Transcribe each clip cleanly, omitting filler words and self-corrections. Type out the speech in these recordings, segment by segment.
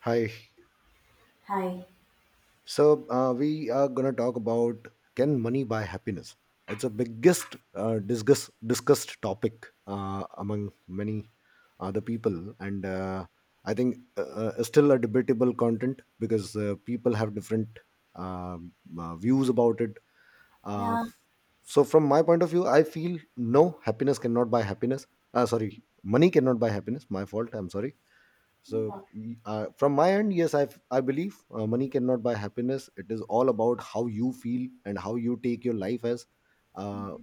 Hi. Hi. We are gonna talk about, can money buy happiness? It's a biggest discussed topic among many other people, and I think still a debatable content because people have different uh, views about it. Uh, Yeah. f- so from my point of view, I feel no, happiness cannot buy happiness. Sorry, money cannot buy happiness. My fault. I'm sorry, No so, problem. From my end, yes, I believe money cannot buy happiness. It is all about how you feel and how you take your life as. Uh,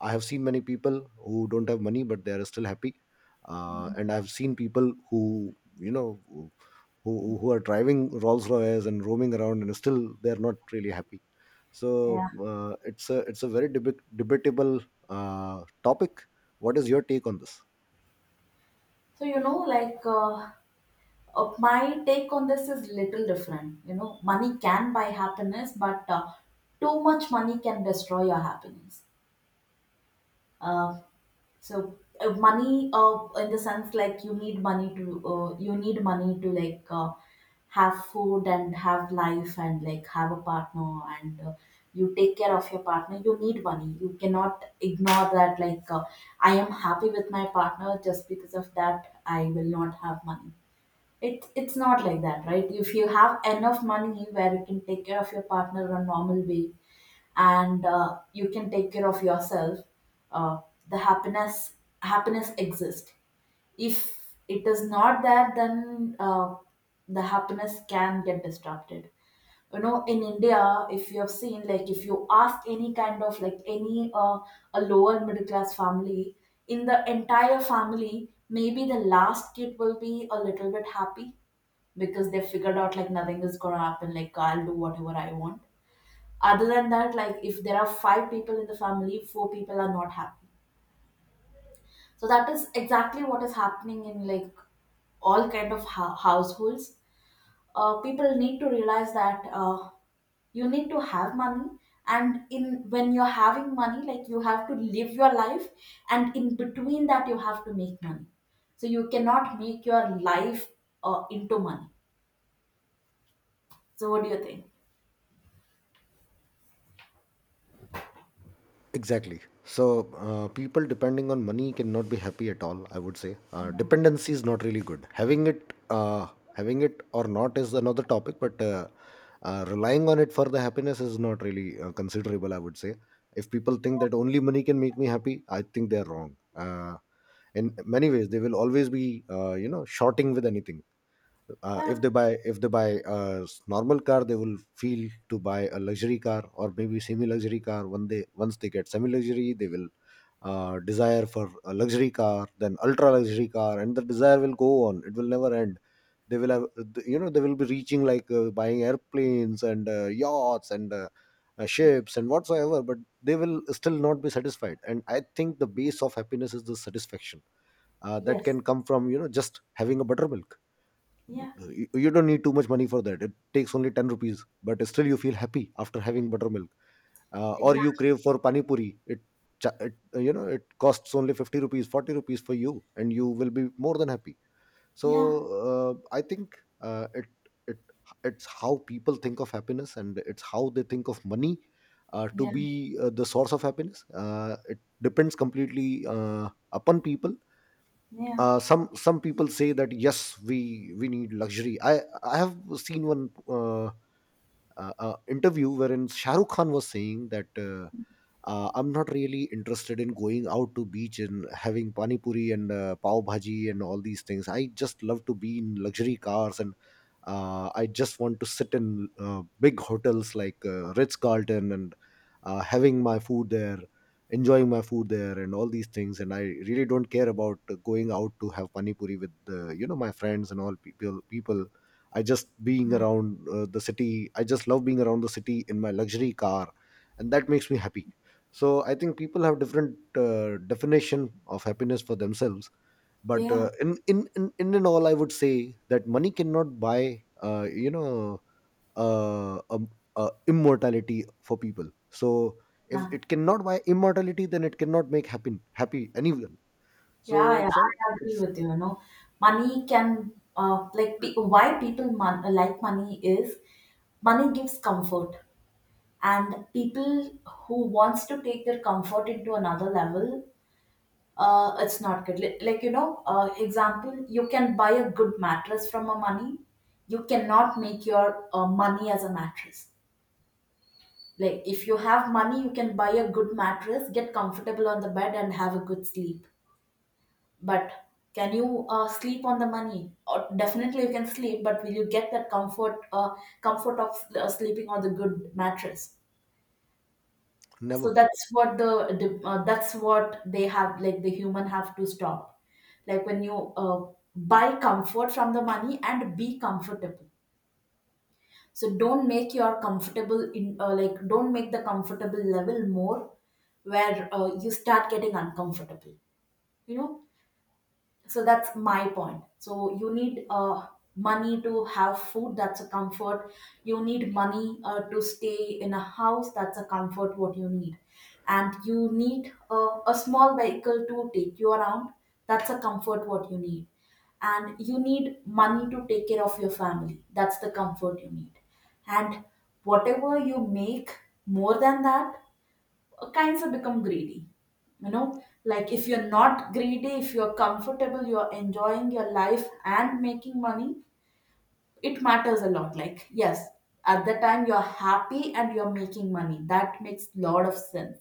I have seen many people who don't have money but they are still happy, and I've seen people who who are driving Rolls Royces and roaming around and still they are not really happy. So Yeah. It's a very debate debatable topic. What is your take on this? So, you know, like my take on this is little different. You know, money can buy happiness, but too much money can destroy your happiness. Uh, So money, in the sense like you need money to like have food and have life and like have a partner and you take care of your partner. You need money. You cannot ignore that. Like I am happy with my partner just because of that. I will not have money, it's not like that, right? If you have enough money where you can take care of your partner in a normal way, and you can take care of yourself, uh, the happiness exists. If it is not there, then the happiness can get disrupted. You know, in india if you have seen, like if you ask any kind of, like, any a lower middle class family, in the entire family maybe the last kid will be a little bit happy, because they figured out like nothing is gonna happen, like I'll do whatever I want. Other than that, like if there are five people in the family, four people are not happy. So that is exactly what is happening in like all kind of households. People need to realize that, you need to have money, and in when you're having money, like you have to live your life, and in between that you have to make money. So you cannot make your life into money. So what do you think? Exactly. So, people depending on money cannot be happy at all. I would say Yeah. dependency is not really good. Having it or not is another topic, but relying on it for the happiness is not really considerable. I would say if people think that only money can make me happy, I think they are wrong. In many ways, they will always be, shorting with anything. Yeah. If they buy a normal car, they will feel to buy a luxury car or maybe semi luxury car. When they once they get semi luxury, they will desire for a luxury car, then ultra luxury car, and the desire will go on. It will never end. They will have, you know, they will be reaching like buying airplanes and yachts and ships and whatsoever, but they will still not be satisfied. And I think the base of happiness is the satisfaction that Yes. can come from, you know, just having a buttermilk. Yeah. You don't need too much money for that. It takes only 10 rupees, but still you feel happy after having buttermilk. Or you Exactly. crave for pani puri. It you know, it costs only 50 rupees, 40 rupees for you, and you will be more than happy. So Yeah. I think uh, it it it's how people think of happiness, and it's how they think of money to Yeah. be the source of happiness. It depends completely upon people. Yeah. Some people say that yes, we need luxury. I have seen one interview wherein Shahrukh Khan was saying that I'm not really interested in going out to beach and having pani puri and pav bhaji and all these things. I just love to be in luxury cars, and I just want to sit in big hotels like Ritz Carlton and having my food there, enjoying my food there and all these things. And I really don't care about going out to have pani puri with my friends and all people. I just being around the city, I just love being around the city in my luxury car, and that makes me happy. So I think people have different definition of happiness for themselves. But Yeah. In and all, I would say that money cannot buy uh, um, immortality for people. So if Yeah. it cannot buy immortality, then it cannot make happen happy anyone. So Yeah, yeah, it's all, I agree it's with you. You know, money can like why people like money is money gives comfort, and people who wants to take their comfort into another level, it's not good. Like you know, example, you can buy a good mattress from a money. You cannot make your money as a mattress. Like if you have money, you can buy a good mattress, get comfortable on the bed, and have a good sleep. But can you sleep on the money? Or definitely you can sleep, but will you get that comfort of sleeping on the good mattress? never. So that's what they have, like the human have to stop. Like when you buy comfort from the money and be comfortable. So don't make your comfortable in like don't make the comfortable level more where you start getting uncomfortable. You know, so that's my point. So you need money to have food, that's a comfort. You need money to stay in a house, that's a comfort what you need. And you need a small vehicle to take you around, that's a comfort what you need. And you need money to take care of your family, that's the comfort you need. And whatever you make more than that kinds of become greedy. You know, like if you're not greedy, if you're comfortable, you're enjoying your life and making money, it matters a lot. Like yes, at the time you're happy and you're making money, that makes lot of sense.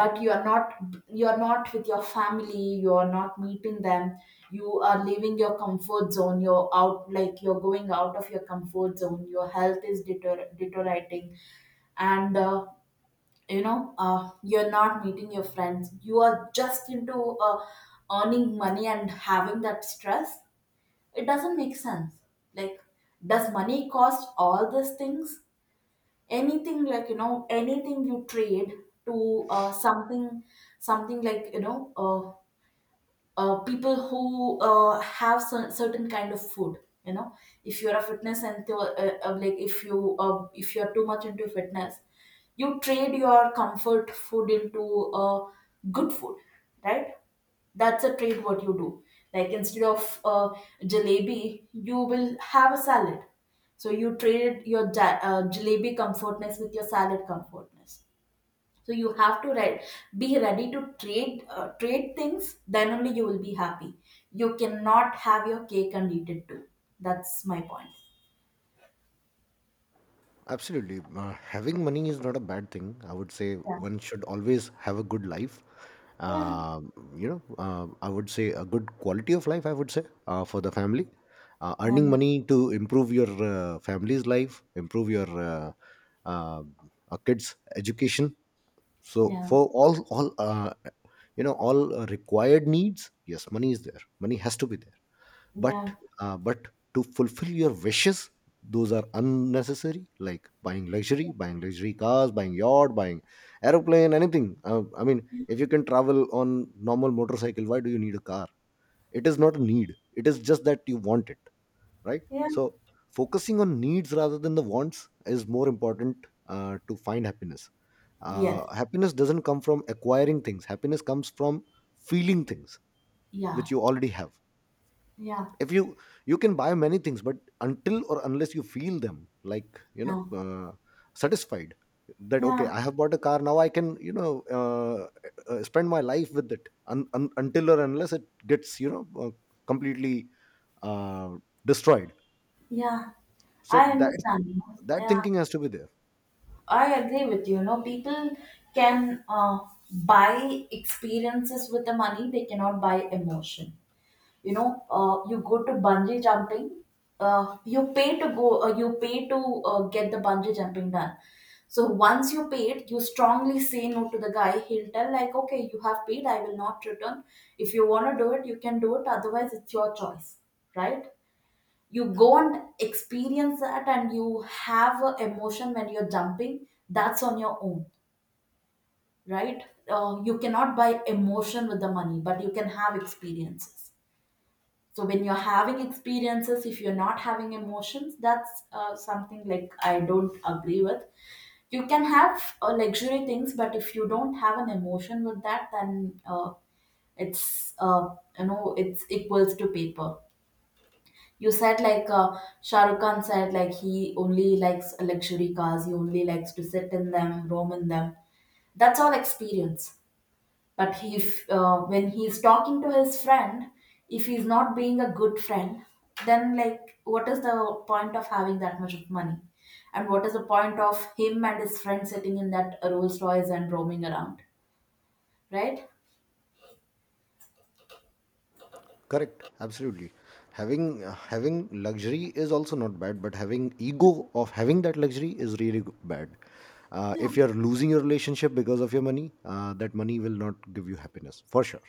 But you're not with your family, you're not meeting them. You are leaving your comfort zone, you're out, like you're going out of your comfort zone, your health is deteriorating. And you know, you're not meeting your friends, you are just into uh, earning money and having that stress. It doesn't make sense. Like does money cost all these things? Anything, like you know, anything you trade to something, like you know, people who have some certain kind of food. You know, if you're a fitness and like if you're too much into fitness, you trade your comfort food into good food, right? That's a trade what you do. Like instead of jalebi you will have a salad. So you traded your jalebi comfortness with your salad comfortness. So you have to be ready to trade, trade things. Then only you will be happy. You cannot have your cake and eat it too. That's my point. Absolutely. Having money is not a bad thing. I would say Yeah, one should always have a good life. yeah, I would say a good quality of life, I would say, for the family. Yeah, Earning money to improve your family's life, improve your uh, kids' education. So yeah, for all all required needs, yes, money is there. Money has to be there, but but to fulfill your wishes, those are unnecessary, like buying luxury, buying luxury cars, buying yacht, buying aeroplane, anything. I mean, yeah, if you can travel on normal motorcycle, why do you need a car? It is not a need, it is just that you want it, right? yeah. So focusing on needs rather than the wants is more important to find happiness. Yes, Happiness doesn't come from acquiring things. Happiness comes from feeling things yeah, which you already have. yeah, If you You can buy many things, but until or unless you feel them, like, you know, yeah, satisfied, that okay, yeah, I have bought a car, now I can, you know, uh, spend my life with it, until or unless it gets, you know, completely uh, destroyed. yeah. So I that, understand, you know. that Yeah, thinking has to be there. I agree with you. You know, people can buy experiences with the money. They cannot buy emotion. You go to bungee jumping, you pay to go, you pay to get the bungee jumping done. So once you paid, you strongly say no to the guy, he'll tell like okay you have paid, I will not return. If you want to do it you can do it, otherwise it's your choice, right? You go and experience that and you have a emotion when you're jumping, that's on your own, right? You cannot buy emotion with the money, but you can have experiences. So when you're having experiences, if you're not having emotions, that's something like I don't agree with. You can have luxury things, but if you don't have an emotion with that, then it's uh, it's equals to paper. You said like Shah Rukh Khan said like he only likes luxury cars, he only likes to sit in them, roam in them. That's all experience. But he, if when he's talking to his friend, if he's not being a good friend, then like what is the point of having that much of money? And what is the point of him and his friend sitting in that Rolls Royce and roaming around, right? Correct, absolutely. Having having luxury is also not bad, but having ego of having that luxury is really bad. Yeah, If you're losing your relationship because of your money, that money will not give you happiness for sure.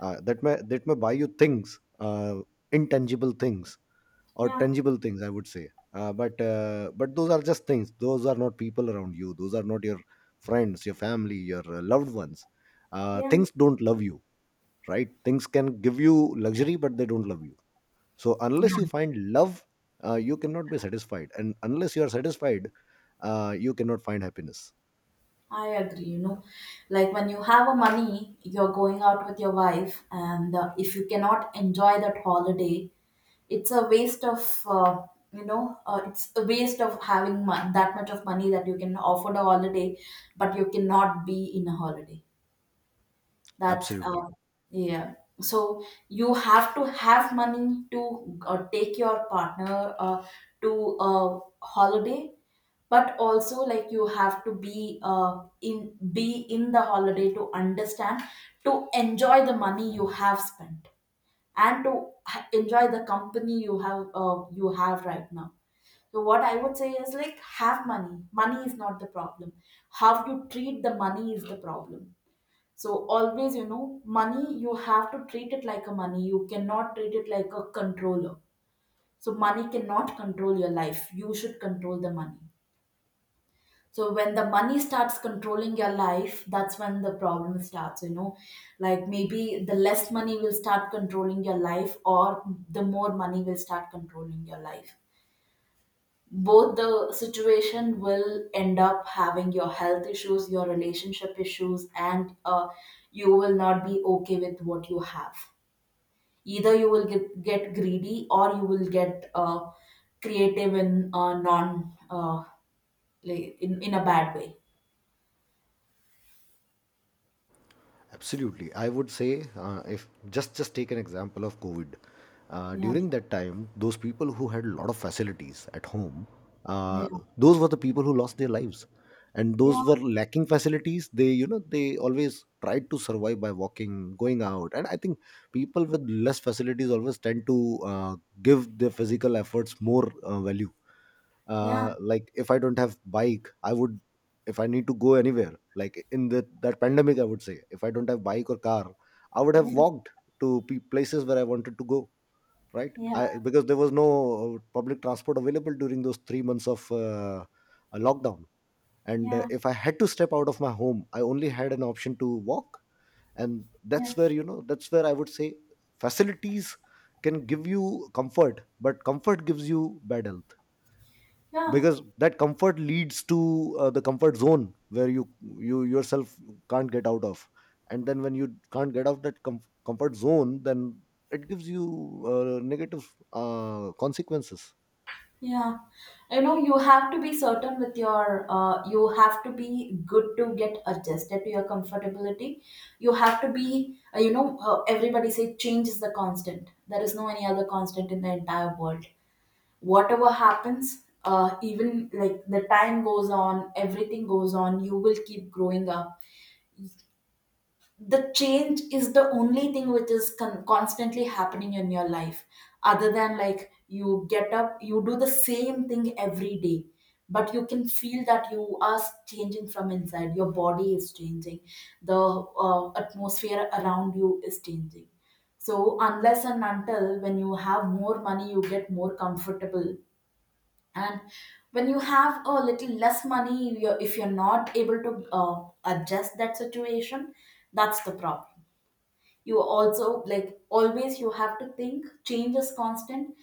That may, that may buy you things, intangible things or tangible things, I would say. But but those are just things. Those are not people around you. Those are not your friends, your family, your loved ones. Yeah, Things don't love you, right? Things can give you luxury, but they don't love you. So unless you yeah. find love, you cannot be satisfied. And unless you are satisfied, you cannot find happiness. I agree, you know, like when you have a money, you're going out with your wife, and if you cannot enjoy that holiday, it's a waste of, you know, it's a waste of having that much of money that you can offer the holiday, but you cannot be in a holiday. That's Absolutely. Yeah. So you have to have money to take your partner to a holiday, but also like you have to be, in be in the holiday to understand, to enjoy the money you have spent, and to enjoy the company you have you have right now. So what I would say is like have money. Money is not the problem. How you treat the money is the problem. So always, you know, money, you have to treat it like a money. You cannot treat it like a controller. So money cannot control your life. You should control the money. So when the money starts controlling your life, that's when the problem starts, you know. Like maybe the less money will start controlling your life or the more money will start controlling your life. Both the situation will end up having your health issues, your relationship issues, and you will not be okay with what you have. Either you will get greedy or you will get creative in non like in a bad way. Absolutely. I would say if just take an example of COVID. Yeah. During that time, those people who had a lot of facilities at home, uh, Yeah. those were the people who lost their lives. And Yeah. those were lacking facilities. They, you know, they always tried to survive by walking, going out. And I think people with less facilities always tend to give their physical efforts more value. Yeah. Uh, like if I don't have bike, I would, if I need to go anywhere, like in the that pandemic, I would say, if I don't have bike or car, I would have Yeah. walked to places where I wanted to go, right? Yeah. I Because there was no public transport available during those 3 months of a lockdown. And Yeah. if I had to step out of my home, I only had an option to walk. And that's Yeah, where, you know, that's where I would say facilities can give you comfort, but comfort gives you bad health. yeah. Because that comfort leads to the comfort zone where you yourself can't get out of. And then when you can't get out that comfort zone, then it gives you negative consequences. Yeah, you know, you have to be certain with you have to be good to get adjusted to your comfortability. You have to be, you know, Everybody say change is the constant. There is no any other constant in the entire world. Whatever happens, even like the time goes on, everything goes on, you will keep growing up. The change is the only thing which is constantly happening in your life, other than like you get up, you do the same thing every day, but you can feel that you are changing from inside. Your body is changing, the atmosphere around you is changing. So unless and until, when you have more money you get more comfortable, and when you have a little less money if you're not able to adjust that situation, that's the problem. You also like always you have to think change is constant.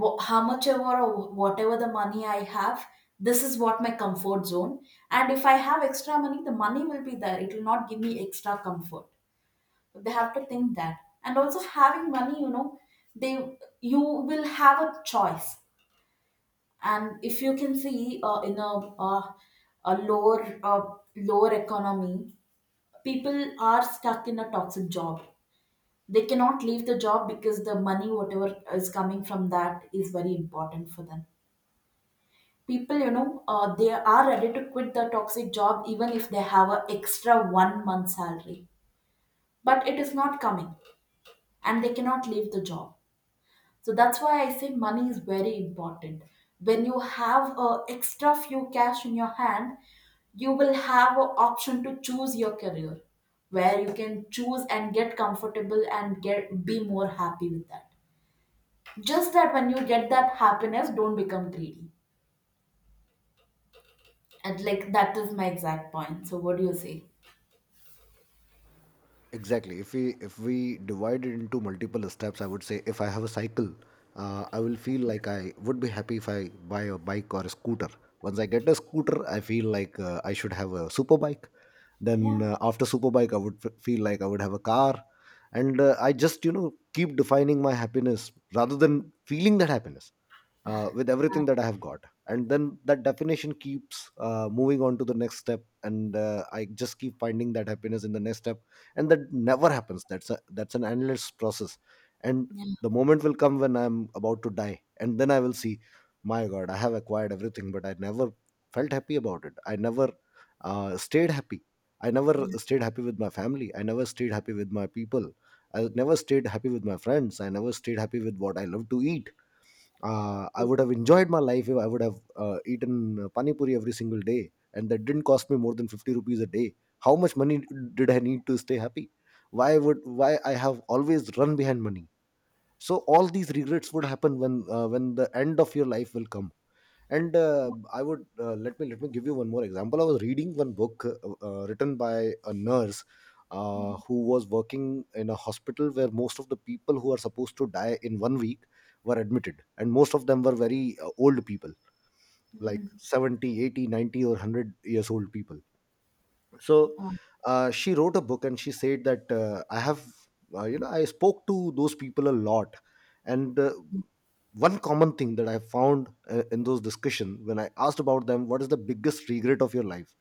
How much ever or whatever the money I have, this is what my comfort zone. And if I have extra money, the money will be there, it will not give me extra comfort. So they have to think that. And also having money, you know, they, you will have a choice. And if you can see, in a lower, lower economy, people are stuck in a toxic job. They cannot leave the job because the money whatever is coming from that is very important for them. People, you know, they are ready to quit the toxic job even if they have a extra one month salary, but it is not coming and they cannot leave the job. So that's why I say money is very important. When you have a extra few cash in your hand, you will have an option to choose your career, where you can choose and get comfortable and get be more happy with that. Just that when you get that happiness, don't become greedy. And like that is my exact point, so what do you say? Exactly. If we divide it into multiple steps, I would say if I have a cycle, I will feel like I would be happy if I buy a bike or a scooter. Once I get a scooter, I feel like I should have a super bike. Then after Superbike, I would feel like I would have a car, and I just, you know, keep defining my happiness rather than feeling that happiness with everything that I have got. And then that definition keeps moving on to the next step, and I just keep finding that happiness in the next step, and that never happens. That's a, that's an endless process, and Yeah, the moment will come when I'm about to die, and then I will see, my God, I have acquired everything, but I never felt happy about it. I never stayed happy. I never thank. stayed happy with my family. I never stayed happy with my people. I never stayed happy with my friends. I never stayed happy with what I love to eat. I would have enjoyed my life if I would have eaten pani puri every single day, and that didn't cost me more than 50 rupees a day. How much money did I need to stay happy? Why I have always run behind money? So all these regrets would happen when the end of your life will come. And I would, let me give you one more example. I was reading one book, written by a nurse, who was working in a hospital where most of the people who are supposed to die in one week were admitted, and most of them were very old people, like Mhm. 70, 80, 90, or 100 years old people. so Uh, uh, she wrote a book, and she said that, I have you know I spoke to those people a lot. And one common thing that I found, in those discussion, when I asked about them, what is the biggest regret of your life,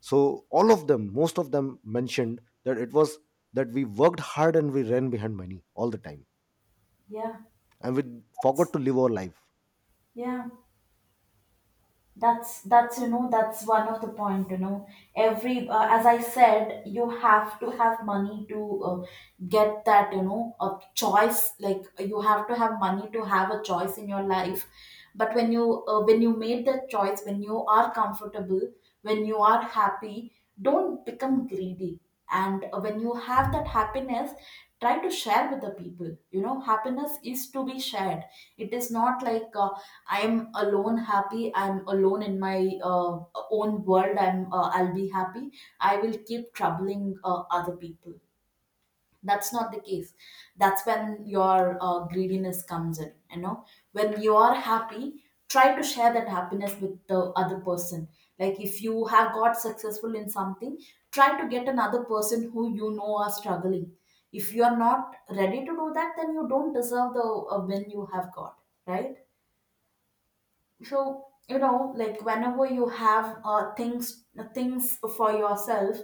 so all of them, most of them, mentioned that it was that we worked hard and we ran behind money all the time, yeah, and we forgot to live our life. yeah, that's you know, that's one of the point, you know. Every, as I said, you have to have money to, get that, you know, a choice, like you have to have money to have a choice in your life. But when you, when you made that choice, when you are comfortable, when you are happy, don't become greedy. And when you have that happiness, try to share with the people, you know, happiness is to be shared. It is not like, I'm alone happy, I'm alone in my uh, own world, I'm, I'll be happy, I will keep troubling other people. That's not the case. That's when your greediness comes in, you know. When you are happy, try to share that happiness with the other person. Like if you have got successful in something, try to get another person who, you know, are struggling. If you are not ready to do that, then you don't deserve the, win you have got, right? So you know, like whenever you have, things, things for yourself,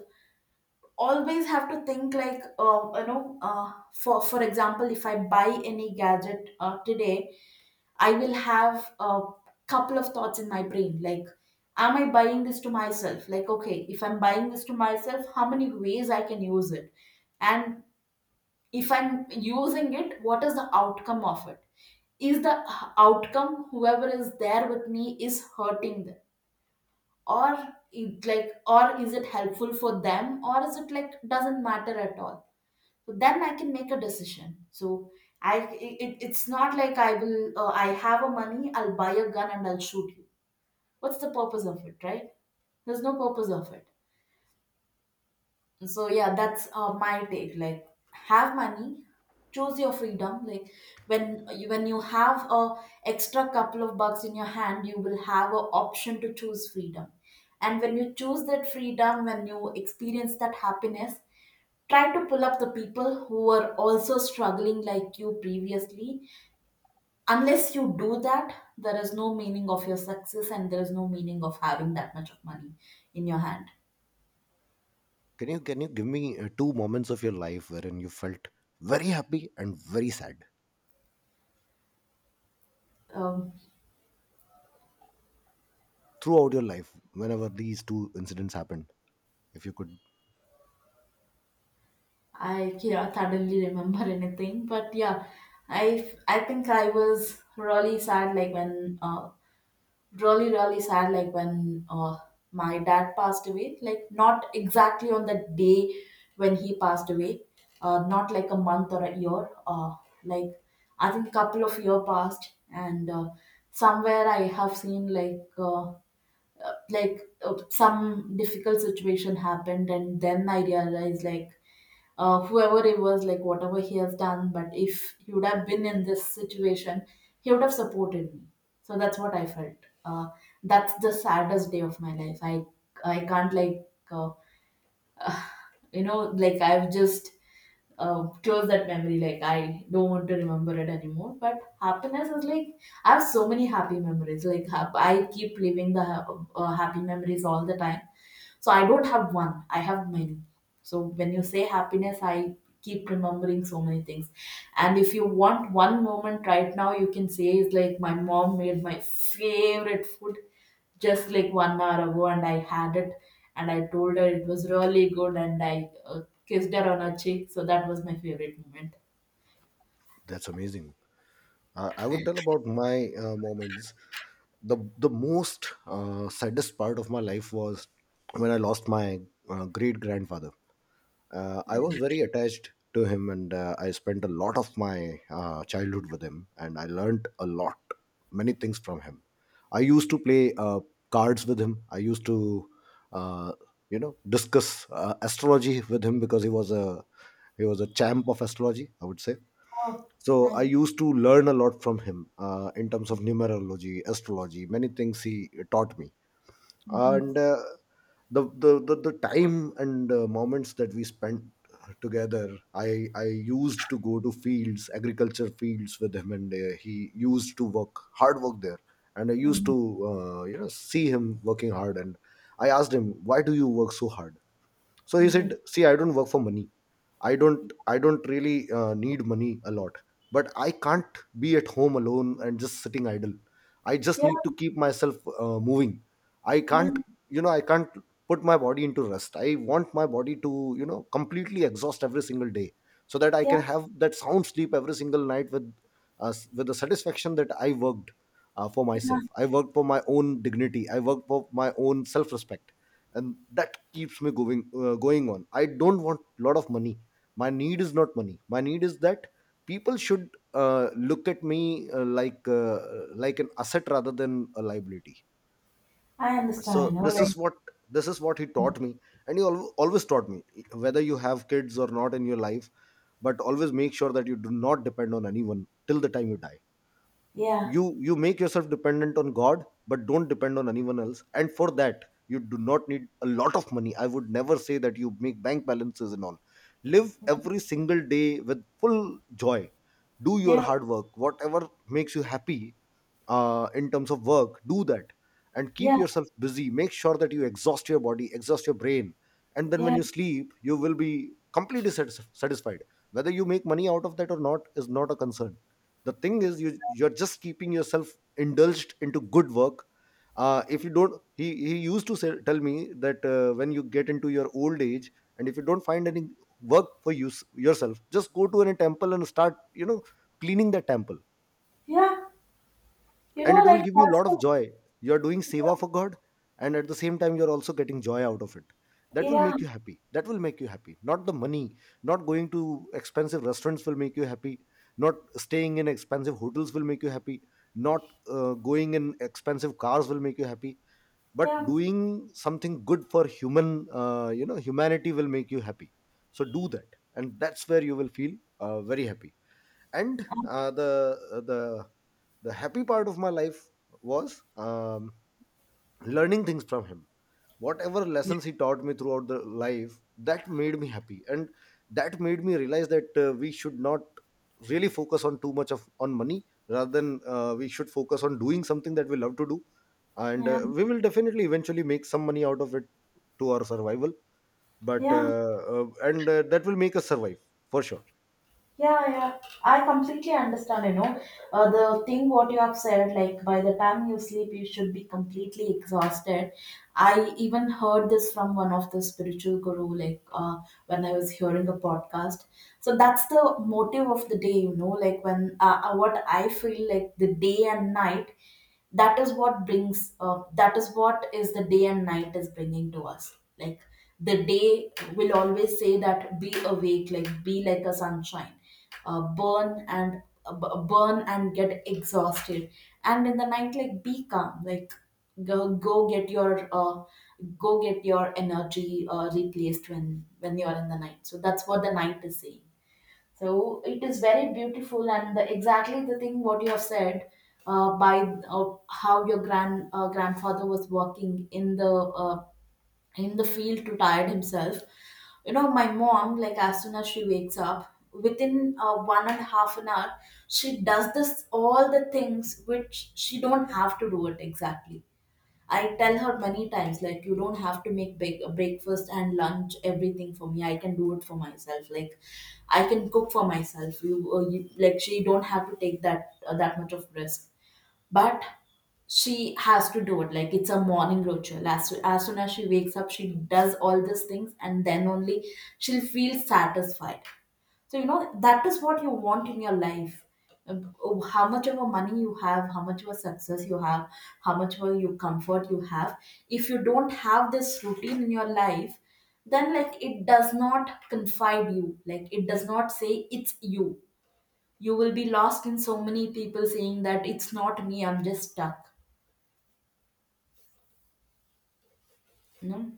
always have to think like, you know, for example, if I buy any gadget today, I will have a couple of thoughts in my brain like, am I buying this to myself? Like, okay, if I'm buying this to myself, how many ways I can use it? And if I'm using it, what is the outcome of it? Is the outcome, whoever is there with me, is hurting them, or it like, or is it helpful for them, or is it like doesn't matter at all? So then I can make a decision. So I, it's not like I will, I have a money, I'll buy a gun and I'll shoot you. What's the purpose of it, right? There's no purpose of it. So yeah, that's my take, like, have money, choose your freedom, like, when you, when you have a extra couple of bucks in your hand, you will have an option to choose freedom. And when you choose that freedom, when you experience that happiness, try to pull up the people who are also struggling like you previously. Unless you do that, there is no meaning of your success, and there is no meaning of having that much of money in your hand. Can you give me two moments of your life wherein you felt very happy and very sad um, throughout your life, whenever these two incidents happened, if you could? I can't suddenly remember anything, but yeah, I think I was really sad like when, really really sad like when, my dad passed away. Like not exactly on the day when he passed away, not like a month or a year. Like, I think couple of year passed, and somewhere I have seen like. Like some difficult situation happened, and then I realized like, whoever it was, like whatever he has done, but if he would have been in this situation, he would have supported me. So that's what I felt. uh, that's the saddest day of my life. I can't like, uh, you know, like I've just, close that memory, like I don't want to remember it anymore. But happiness is like, I have so many happy memories, like I keep living the happy memories all the time. So I don't have one, I have many. So when you say happiness, I keep remembering so many things. And if you want one moment right now, you can say is like, my mom made my favorite food just like one hour ago, and I had it, and I told her it was really good, and I, kissed her on her cheek. So that was my favorite moment. That's amazing. I would tell about my moments. The most saddest part of my life was when I lost my great grandfather. I was very attached to him, and I spent a lot of my childhood with him, and I learned a lot, many things from him. I used to play cards with him. I used to, uh, discuss astrology with him, because he was a champ of astrology, I would say. Oh, So I nice. used to learn a lot from him, in terms of numerology, astrology, many things he taught me. And the time and moments that we spent together, I used to go to fields, agriculture fields, with him, and he used to work hard work there. And I used to, see him working hard, and I asked him, why do you work so hard? So he said, Mhm. see, I don't work for money. I don't really need money a lot, but I can't be at home alone and just sitting idle. I just Yeah, need to keep myself moving. i yeah, can't you know i can't put my body into rest. I want my body to, completely exhaust every single day, so that I yeah, can have that sound sleep every single night with, with the satisfaction that I worked, for yeah. myself. I worked for my own dignity, I worked for my own self respect. And that keeps me going, going on. I don't want a lot of money. My need is not money, my need is that people should look at me, uh, like uh, like an asset rather than a liability. I understand, So you know, this is like, what, this is what he taught me. And he always taught me, whether you have kids or not in your life, but always make sure that you do not depend on anyone till the time you die. yeah, You make yourself dependent on God, but don't depend on anyone else, and for that you do not need a lot of money. I would never say that you make bank balances and all. Live every single day with full joy. Do your yeah, hard work, whatever makes you happy in terms of work, do that. And keep yeah, yourself busy, make sure that you exhaust your body, exhaust your brain, and then when yeah, you sleep you will be completely satisfied. Whether you make money out of that or not is not a concern. The thing is, you're just keeping yourself indulged into good work. If you don't, he used to say, tell me that, when you get into your old age, and if you don't find any work for you yourself, just go to any temple and start, cleaning the temple, yeah. You and know, it will like, give you a that's lot of the, joy. You are doing seva for God, and at the same time you are also getting joy out of it. That will yeah, make you happy, that will make you happy, not the money. Not going to expensive restaurants will make you happy, not staying in expensive hotels will make you happy, not going in expensive cars will make you happy, but yeah, doing something good for human, humanity will make you happy. So do that, and that's where you will feel very happy. And the, the happy part of my life was, learning things from him. Whatever lessons he taught me throughout the life, that made me happy, and that made me realize that we should not really focus on too much of on money, rather than, we should focus on doing something that we love to do. and yeah, uh, we will definitely eventually make some money out of it, to our survival. but yeah. uh, uh, and uh, that will make us survive for sure. Yeah, yeah. I completely understand, you know, the thing what you have said, like by the time you sleep, you should be completely exhausted. I even heard this from one of the spiritual guru, like, when I was hearing a podcast. So that's the motive of the day, you know, like when, what I feel like the day and night, that is what brings, that is what is the day and night is bringing to us, like the day will always say that be awake, like be like a sunshine, burn and, burn and get exhausted. And in the night like be calm, like go, go get your, go get your energy, replaced, when you're in the night. So that's what the night is saying. So it is very beautiful, and the, exactly the thing what you have said, by, how your grand, grandfather was working in the, in the field to tire himself. You know, my mom, like as soon as she wakes up, within one and a half an hour, she does this all the things which she don't have to do it exactly. I tell her many times, like, you don't have to make big breakfast and lunch, everything for me. I can do it for myself. Like, I can cook for myself. You, you like, she don't have to take that, that much of risk, but she has to do it, like it's a morning ritual. As soon as she wakes up, she does all these things and then only she'll feel satisfied. So you know that is what you want in your life. Oh, How much of a money you have, how much of a success you have, how much of a you comfort you have. If you don't have this routine in your life, then like it does not confide you. Like it does not say it's you, you will be lost in so many people saying that it's not me, I'm just stuck, you know.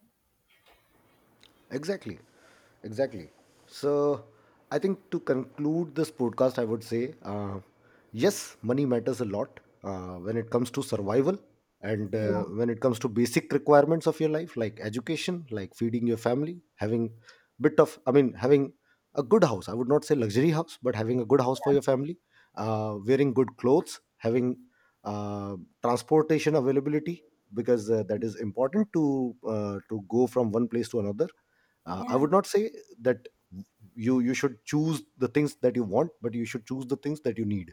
Exactly. Exactly. So, I think to conclude this podcast, I would say, yes, money matters a lot when it comes to survival, and Yeah, when it comes to basic requirements of your life, like education, like feeding your family, having bit of, I mean, having a good house. I would not say luxury house, but having a good house for your family, wearing good clothes, having uh, transportation availability, because that is important, to go from one place to another. I yeah, would not say that you should choose the things that you want, but you should choose the things that you need.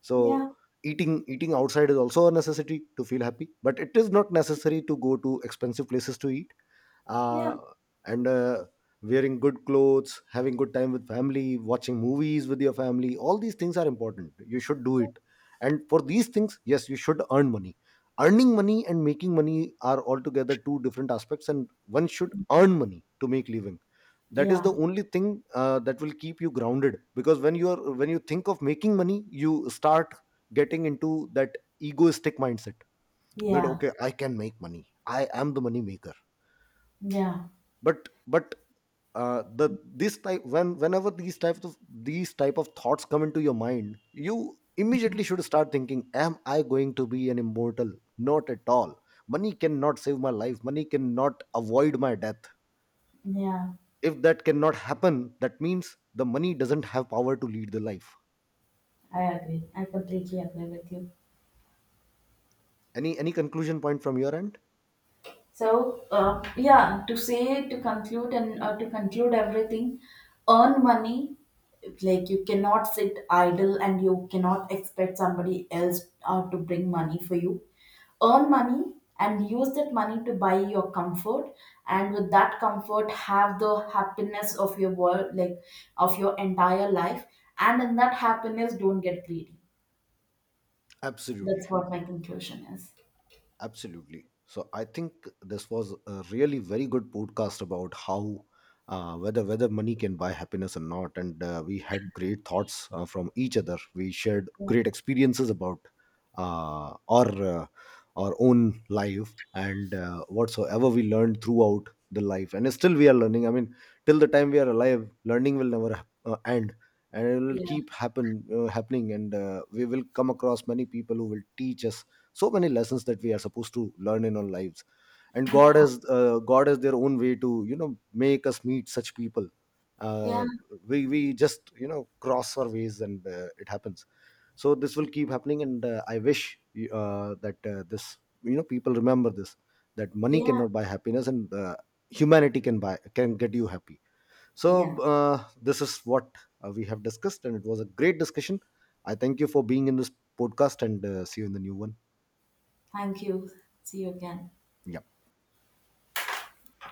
So eating outside is also a necessity to feel happy, but it is not necessary to go to expensive places to eat. yeah, yeah, Uh, and Wearing good clothes, having good time with family, watching movies with your family, all these things are important, you should do it. And for these things, yes, you should earn money. Earning money and making money are altogether two different aspects, and one should earn money to make living. That is yeah, the only thing, that will keep you grounded, because when you think of making money, you start getting into that egoistic mindset, that yeah, okay, I can make money, I am the money maker. yeah, But the this type when whenever these types of these type of thoughts come into your mind, you immediately should start thinking, am I going to be an immortal? Not at all. Money cannot save my life, money cannot avoid my death. yeah, If that cannot happen, that means the money doesn't have power to lead the life. I agree, I completely agree with you. Any conclusion point from your end? So yeah, to say to conclude, and to conclude everything, earn money. Like you cannot sit idle, and you cannot expect somebody else, to bring money for you. Earn money and use that money to buy your comfort, and with that comfort, have the happiness of your world, like of your entire life. And in that happiness, don't get greedy. Absolutely. That's what my conclusion is. Absolutely. So I think this was a really very good podcast about how, whether money can buy happiness or not, and we had great thoughts from each other. We shared Yeah. great experiences about uh, our uh, our own life, and whatsoever we learned throughout the life, and still we are learning. I mean, till the time we are alive, learning will never end. And it will keep happening, and we will come across many people who will teach us so many lessons that we are supposed to learn in our lives. And Yeah. God has their own way to, make us meet such people. Yeah. Uh, we we just, cross our ways, and it happens. So this will keep happening, and I wish that this, people remember this, that money Yeah. cannot buy happiness, and humanity can buy, can get you happy. So, Yeah. uh, this is what we have discussed, and it was a great discussion. I thank you for being in this podcast, and see you in the new one. Thank you. See you again. Yeah.